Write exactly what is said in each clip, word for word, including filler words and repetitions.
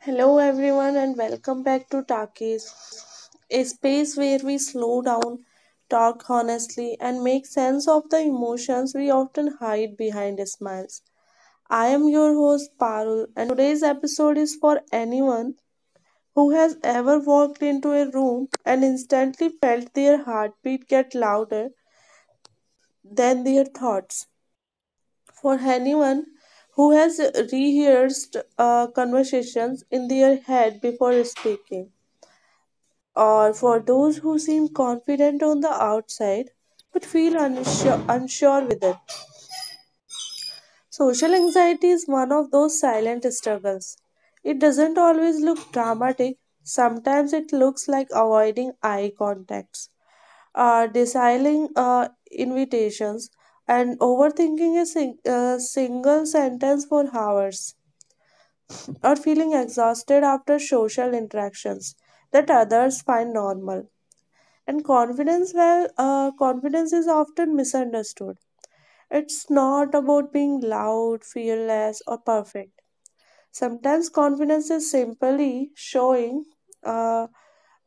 Hello, everyone, and welcome back to Takis, a space where we slow down, talk honestly, and make sense of the emotions we often hide behind smiles. I am your host, Parul, and today's episode is for anyone who has ever walked into a room and instantly felt their heartbeat get louder than their thoughts. For anyone who has rehearsed uh, conversations in their head before speaking, or for those who seem confident on the outside but feel unsure, unsure within. Social anxiety is one of those silent struggles. It doesn't always look dramatic. Sometimes it looks like avoiding eye contacts, uh, deciding uh, invitations, and overthinking a, sing- a single sentence for hours, or feeling exhausted after social interactions that others find normal. And confidence, well, uh, confidence is often misunderstood. It's not about being loud, fearless, or perfect. Sometimes confidence is simply showing uh,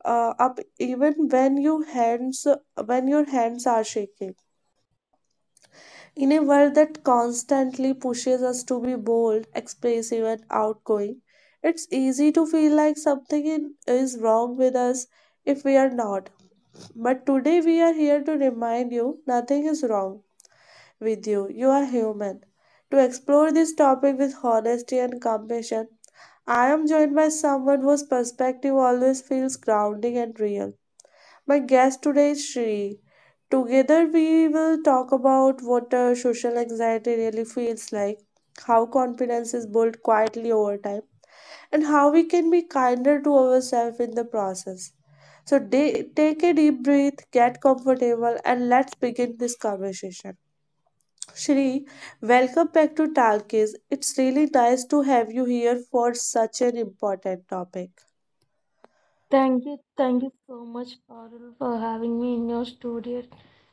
uh, up even when you hands when your hands are shaking. In a world that constantly pushes us to be bold, expressive, and outgoing, it's easy to feel like something in- is wrong with us if we are not. But today we are here to remind you nothing is wrong with you. You are human. To explore this topic with honesty and compassion, I am joined by someone whose perspective always feels grounding and real. My guest today is Shri. Together we will talk about what uh, social anxiety really feels like, how confidence is built quietly over time, and how we can be kinder to ourselves in the process. So de- take a deep breath, get comfortable, and let's begin this conversation. Shri, welcome back to Talkies. It's really nice to have you here for such an important topic. Thank you, thank you so much, Parul, for having me in your studio.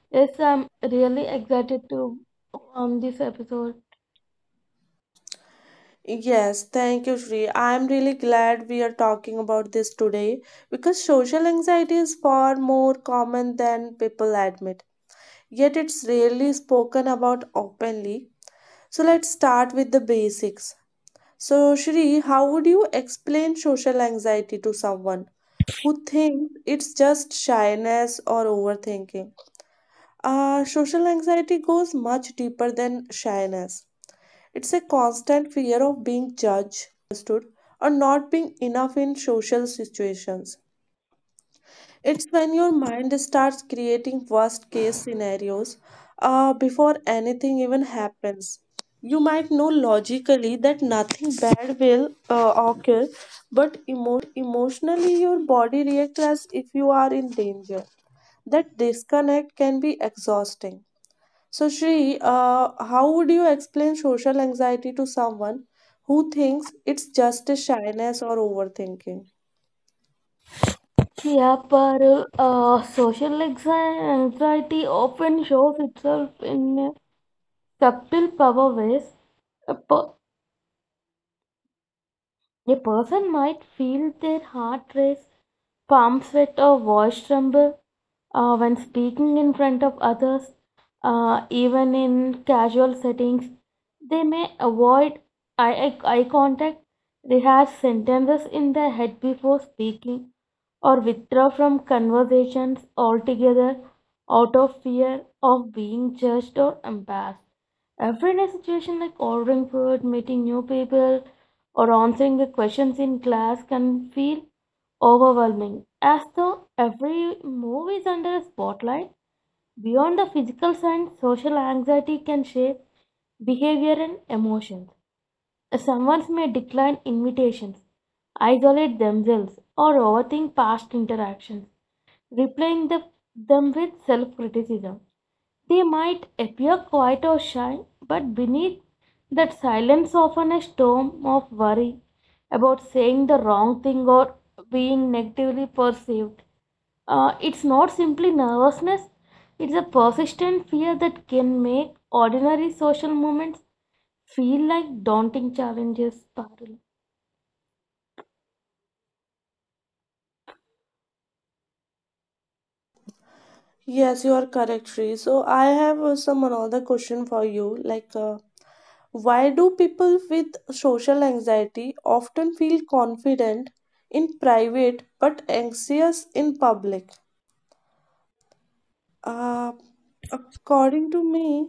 Yes, I'm really excited to on this episode. Yes, thank you, Shri. I'm really glad we are talking about this today because social anxiety is far more common than people admit. Yet it's rarely spoken about openly. So let's start with the basics. So, Shri, how would you explain social anxiety to someone who thinks it's just shyness or overthinking? Uh, social anxiety goes much deeper than shyness. It's a constant fear of being judged, misunderstood, or not being enough in social situations. It's when your mind starts creating worst case scenarios uh, before anything even happens. You might know logically that nothing bad will uh, occur, but emotionally your body reacts as if you are in danger. That disconnect can be exhausting. So, Shri, uh, how would you explain social anxiety to someone who thinks it's just a shyness or overthinking? Yeah, Parul, uh, social anxi- anxiety often shows itself in uh, subtle power ways. A, per- a person might feel their heart race, palms sweat, or voice tremble uh, when speaking in front of others, uh, even in casual settings. They may avoid eye eye contact, rehearse sentences in the head before speaking, or withdraw from conversations altogether out of fear of being judged or embarrassed. Everyday situations like ordering food, meeting new people, or answering the questions in class can feel overwhelming, as though every move is under a spotlight. Beyond the physical signs, social anxiety can shape behavior and emotions. Someone may decline invitations, isolate themselves, or overthink past interactions, replying the, them with self criticism. They might appear quiet or shy, but beneath that silence, often a storm of worry about saying the wrong thing or being negatively perceived. Uh, it's not simply nervousness, it's a persistent fear that can make ordinary social moments feel like daunting challenges, Parul. Yes, you are correct, Sri. So I have uh, some another question for you. Like, uh, why do people with social anxiety often feel confident in private but anxious in public? Uh, according to me,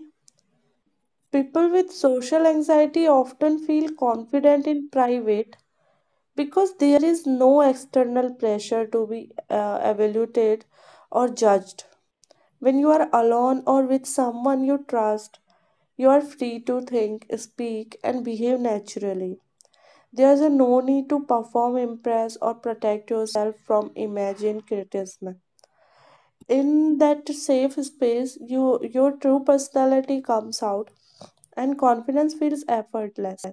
people with social anxiety often feel confident in private because there is no external pressure to be uh, evaluated or judged. When you are alone or with someone you trust, you are free to think, speak, and behave naturally. There is a no need to perform, impress, or protect yourself from imagined criticism. In that safe space, you, your true personality comes out and confidence feels effortless.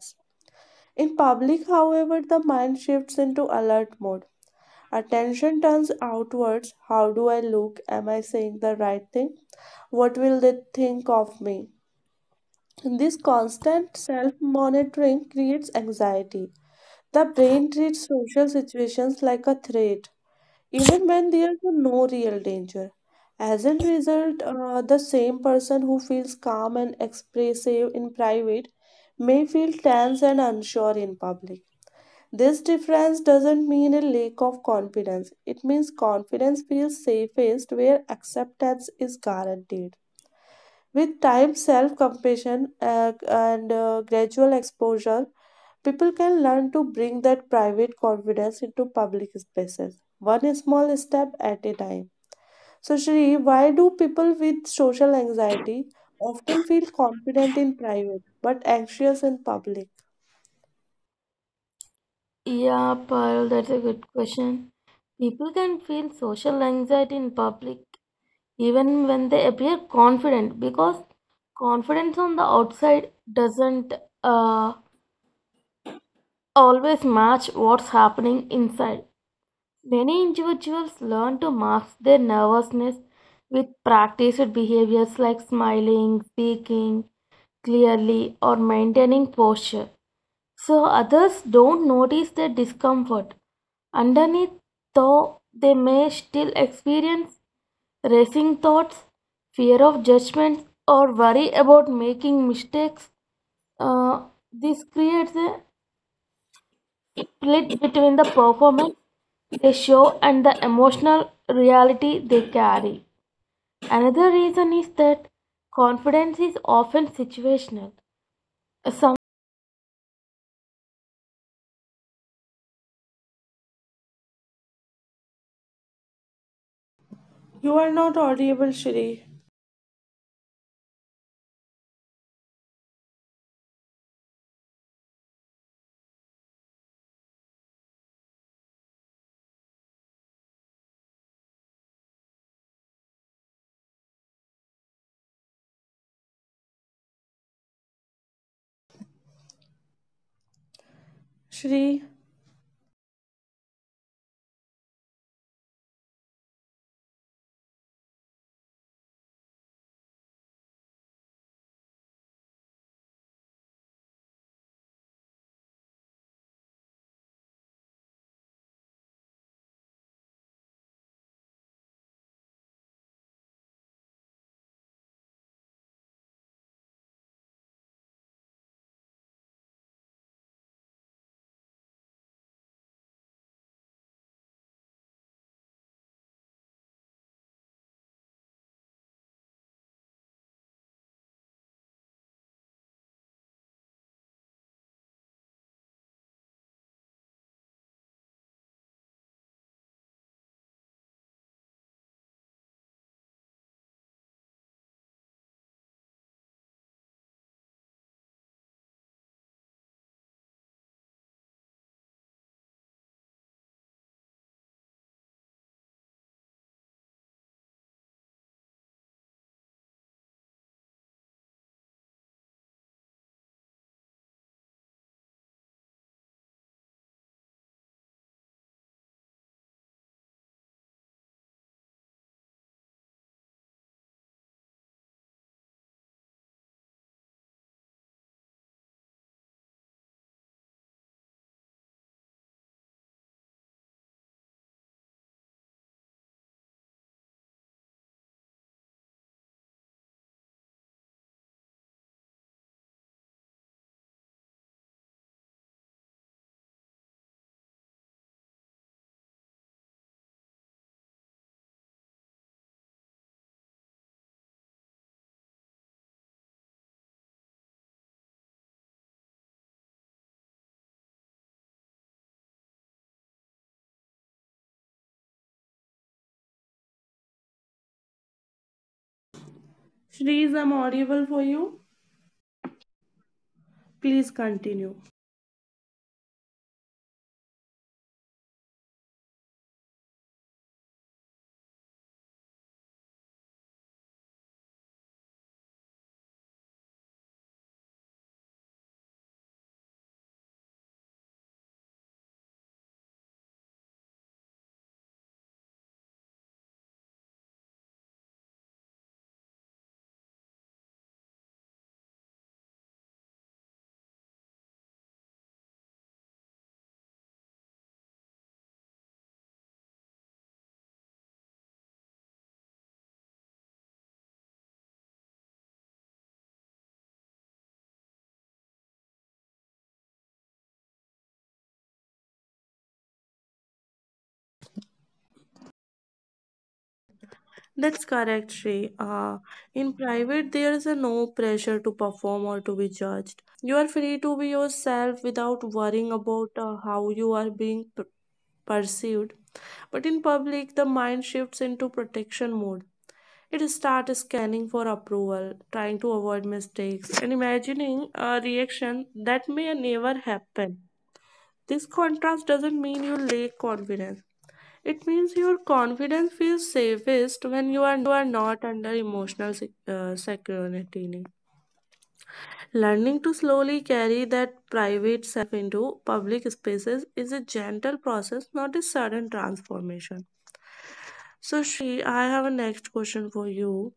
In public, however, the mind shifts into alert mode. Attention turns outwards. How do I look? Am I saying the right thing? What will they think of me? This constant self monitoring creates anxiety. The brain treats social situations like a threat, even when there is no real danger. As a result, uh, the same person who feels calm and expressive in private may feel tense and unsure in public. This difference doesn't mean a lack of confidence, it means confidence feels safest where acceptance is guaranteed. With time, self compassion uh, and uh, gradual exposure, people can learn to bring that private confidence into public spaces, one small step at a time. So, Shri, why do people with social anxiety often feel confident in private but anxious in public? Yeah, Parul, that's a good question. People can feel social anxiety in public even when they appear confident because confidence on the outside doesn't uh, always match what's happening inside. Many individuals learn to mask their nervousness with practiced behaviors like smiling, speaking clearly, or maintaining posture, so others don't notice the discomfort. Underneath, though, they may still experience racing thoughts, fear of judgment, or worry about making mistakes. Uh, this creates a split between the performance they show and the emotional reality they carry. Another reason is that confidence is often situational. Some You are not audible, Shri. Shri, Shri, is I'm audible for you. Please continue. That's correct, Sri. Uh, in private, there is a no pressure to perform or to be judged. You are free to be yourself without worrying about uh, how you are being per- perceived. But in public, the mind shifts into protection mode. It starts scanning for approval, trying to avoid mistakes, and imagining a reaction that may never happen. This contrast doesn't mean you lack confidence. It means your confidence feels safest when you are not under emotional sec- uh, security. Learning to slowly carry that private self into public spaces is a gentle process, not a sudden transformation. So, Shri, I have a next question for you.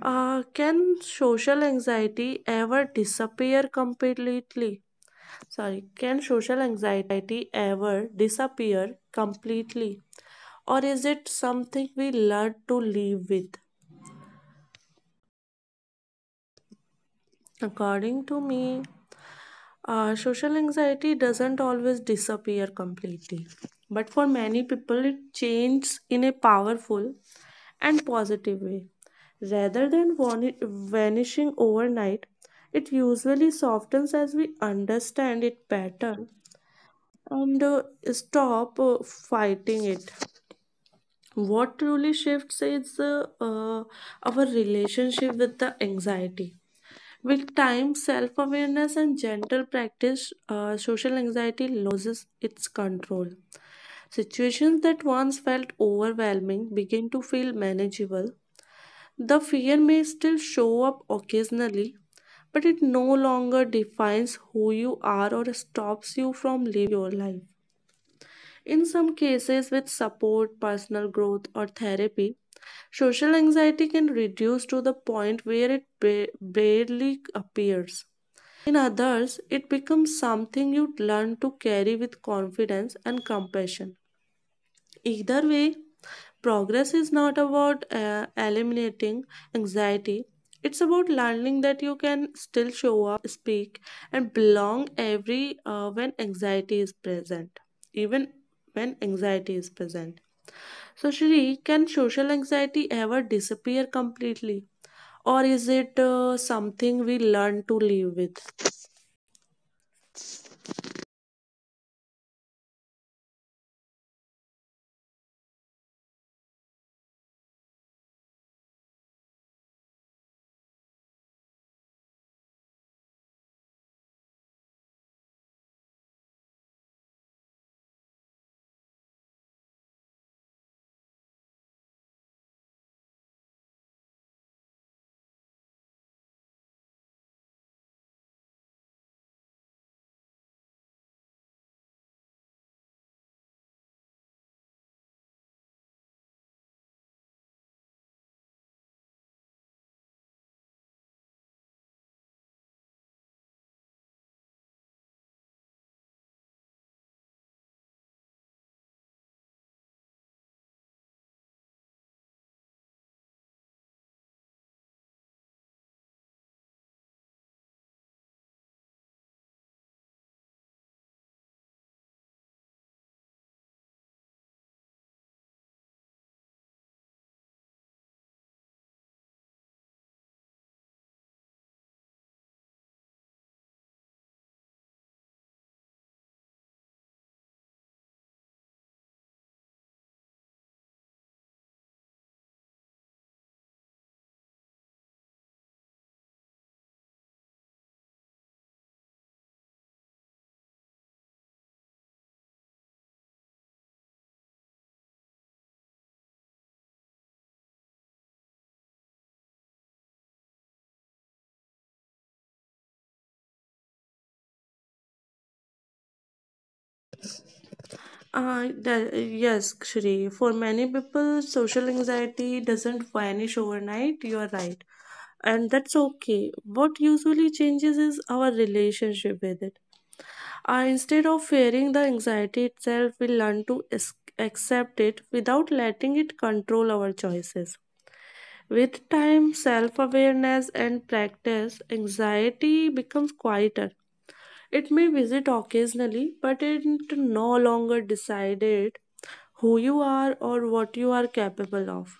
Uh, can social anxiety ever disappear completely? Sorry, can social anxiety ever disappear completely? Or is it something we learn to live with? According to me, uh, social anxiety doesn't always disappear completely, but for many people, it changes in a powerful and positive way. Rather than vani- vanishing overnight, it usually softens as we understand it better and uh, stop uh, fighting it. What truly shifts is uh, uh, our relationship with the anxiety. With time, self awareness, and gentle practice, uh, social anxiety loses its control. Situations that once felt overwhelming begin to feel manageable. The fear may still show up occasionally, but it no longer defines who you are or stops you from living your life. In some cases, with support, personal growth, or therapy, social anxiety can reduce to the point where it ba- barely appears. In others, it becomes something you learn to carry with confidence and compassion. Either way, progress is not about uh, eliminating anxiety. It's about learning that you can still show up, speak, and belong every uh, when anxiety is present, even when anxiety is present. So, Shri, can social anxiety ever disappear completely, or is it uh, something we learn to live with? Uh, the, yes, Shri. For many people, social anxiety doesn't vanish overnight. You are right. And that's okay. What usually changes is our relationship with it. Uh, instead of fearing the anxiety itself, we learn to es- accept it without letting it control our choices. With time, self awareness, and practice, anxiety becomes quieter. It may visit occasionally, but it no longer decided who you are or what you are capable of.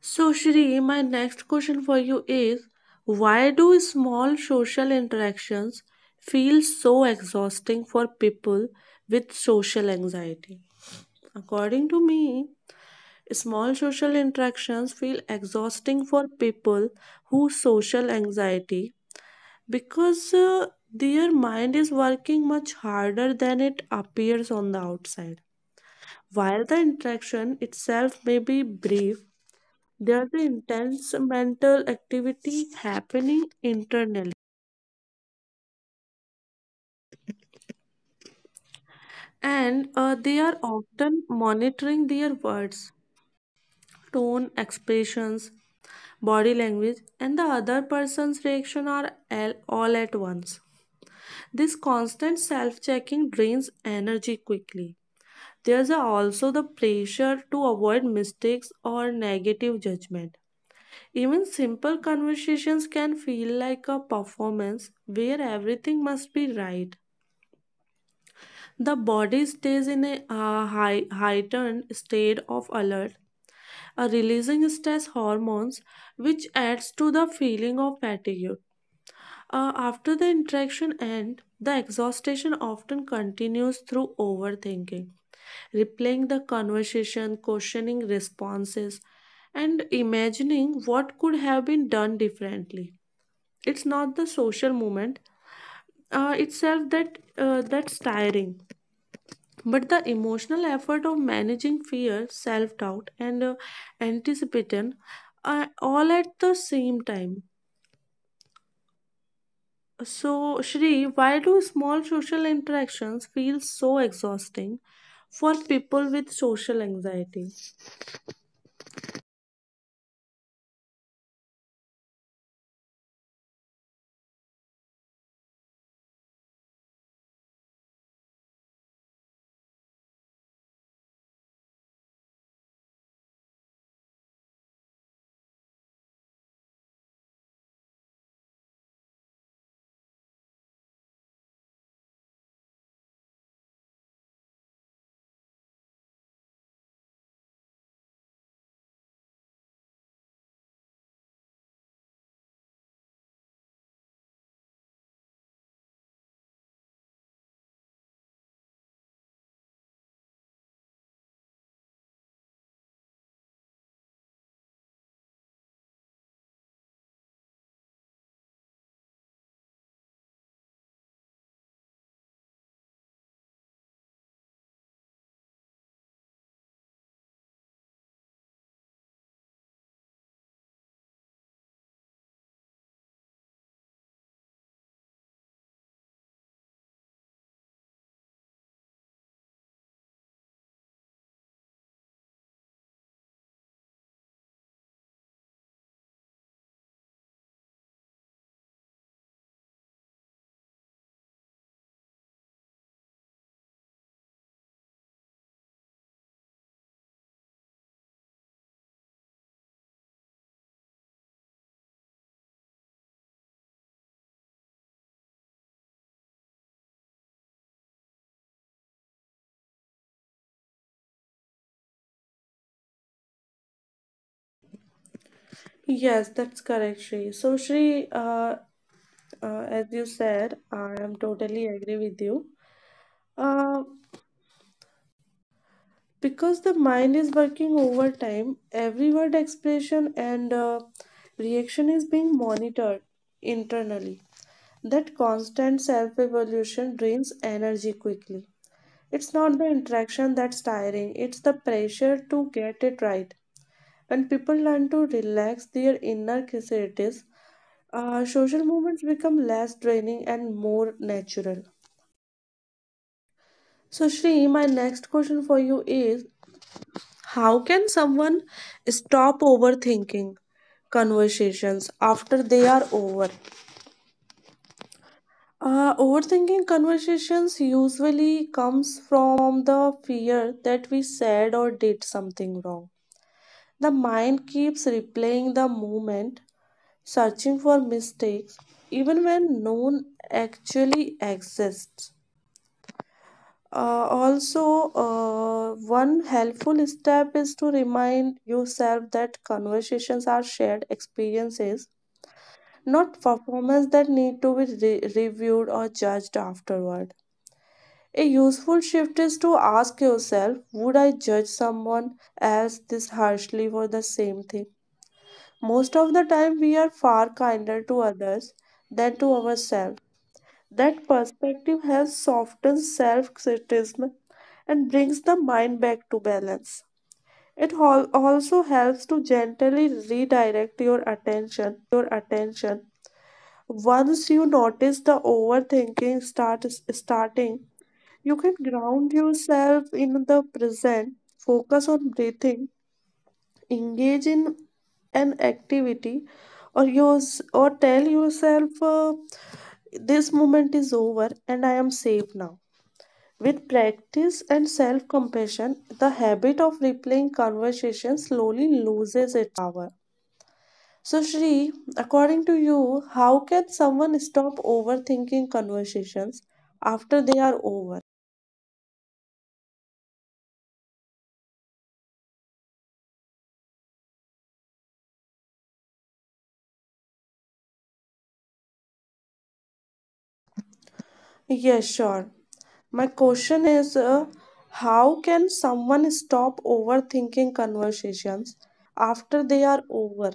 So, Shri, my next question for you is, why do small social interactions feel so exhausting for people with social anxiety? According to me, small social interactions feel exhausting for people who social anxiety because uh, their mind is working much harder than it appears on the outside. While the interaction itself may be brief, there's an intense mental activity happening internally, and uh, they are often monitoring their words, tone, expressions, body language, and the other person's reaction are all all at once. This constant self checking drains energy quickly. There's also the pressure to avoid mistakes or negative judgment. Even simple conversations can feel like a performance where everything must be right. The body stays in a uh, high, heightened state of alert, uh, releasing stress hormones, which adds to the feeling of fatigue. Uh, after the interaction end, the exhaustion often continues through overthinking, replaying the conversation, questioning responses, and imagining what could have been done differently. It's not the social moment uh, itself that uh, that's tiring, but the emotional effort of managing fear, self doubt, and uh, anticipation uh, all at the same time. So, Shri, why do small social interactions feel so exhausting for people with social anxiety? Yes, that's correct, Shri. So, Shri, uh, uh, as you said, I am totally agree with you. Uh, because the mind is working overtime, every word expression and uh, reaction is being monitored internally. That constant self evolution drains energy quickly. It's not the interaction that's tiring, it's the pressure to get it right. When people learn to relax their inner curiosities, uh, social movements become less draining and more natural. So, Shri, my next question for you is, how can someone stop overthinking conversations after they are over? Uh, overthinking conversations usually comes from the fear that we said or did something wrong. The mind keeps replaying the moment, searching for mistakes, even when none actually exists. Uh, also, uh, one helpful step is to remind yourself that conversations are shared experiences, not performances that need to be re- reviewed or judged afterward. A useful shift is to ask yourself, would I judge someone else this harshly for the same thing? Most of the time, we are far kinder to others than to ourselves. That perspective helps soften self criticism and brings the mind back to balance. It al- also helps to gently redirect your attention. Once you notice the overthinking start starting, you can ground yourself in the present, focus on breathing, engage in an activity or yours, or tell yourself, uh, this moment is over and I am safe now. With practice and self compassion, the habit of replaying conversation slowly loses its power. So, Shri, according to you, how can someone stop overthinking conversations after they are over? Yes, sure. My question is, uh, how can someone stop overthinking conversations after they are over?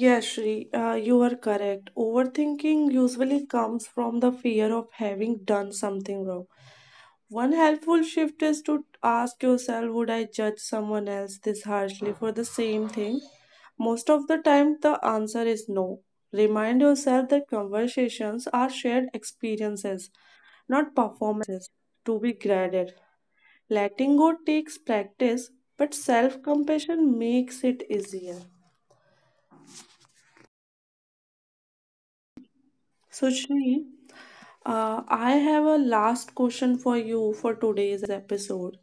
Yes, Shri, uh, you are correct. Overthinking usually comes from the fear of having done something wrong. One helpful shift is to ask yourself, would I judge someone else this harshly for the same thing? Most of the time, the answer is no. Remind yourself that conversations are shared experiences, not performances to be graded. Letting go takes practice, but self compassion makes it easier. So, Shri, uh, I have a last question for you for today's episode.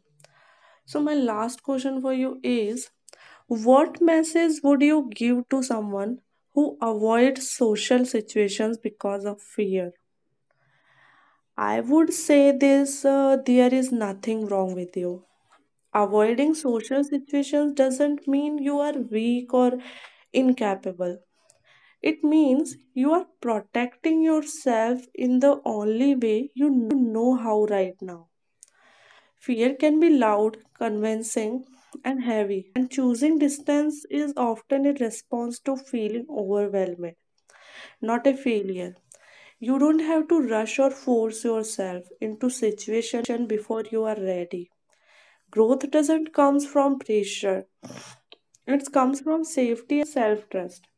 So, my last question for you is, what message would you give to someone who avoids social situations because of fear? I would say this: uh, there is nothing wrong with you. Avoiding social situations doesn't mean you are weak or incapable. It means you are protecting yourself in the only way you know how right now. Fear can be loud, convincing, and heavy, and choosing distance is often a response to feeling overwhelmed, not a failure. You don't have to rush or force yourself into situation before you are ready. Growth doesn't come from pressure. It comes from safety and self-trust.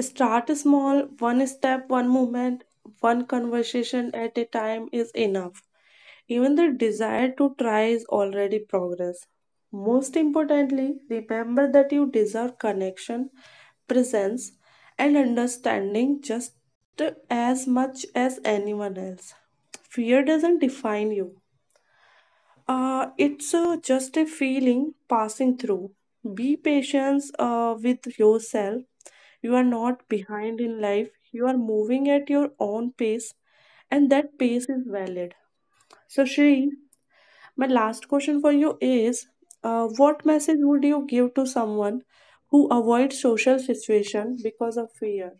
Start small, one step, one movement, one conversation at a time is enough. Even the desire to try is already progress. Most importantly, remember that you deserve connection, presence, and understanding just as much as anyone else. Fear doesn't define you, uh, it's uh, just a feeling passing through. Be patient uh, with yourself. You are not behind in life. You are moving at your own pace, and that pace is valid. So, Shri, my last question for you is uh, what message would you give to someone who avoids social situation because of fear?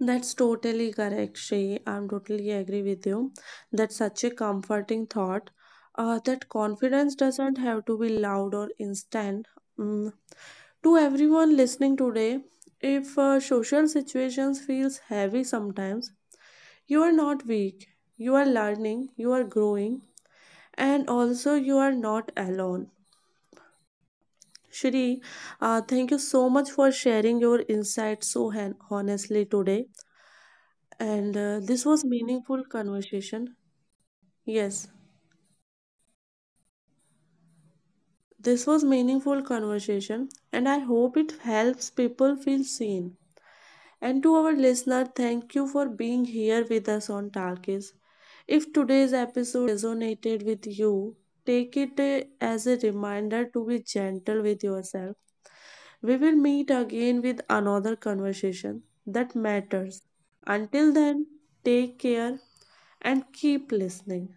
That's totally correct, Shrey. I'm totally agree with you. That's such a comforting thought. Uh, that confidence doesn't have to be loud or instant. Mm. To everyone listening today, if uh, social situations feels heavy sometimes, you are not weak. You are learning. You are growing, and also you are not alone. Shri, uh, thank you so much for sharing your insights so hen- honestly today. And uh, this was meaningful conversation. Yes, this was meaningful conversation and I hope it helps people feel seen. And to our listener, thank you for being here with us on Talkies. If today's episode resonated with you, take it uh, as a reminder to be gentle with yourself. We will meet again with another conversation that matters. Until then, take care and keep listening.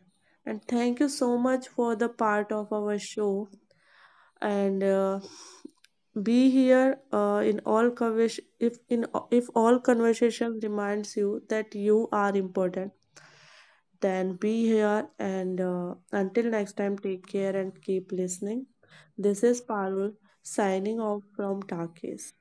And thank you so much for the part of our show. And uh, be here uh, in all convers- if in if all conversation reminds you that you are important. Then be here and uh, until next time, take care and keep listening. This is Parul signing off from Takis.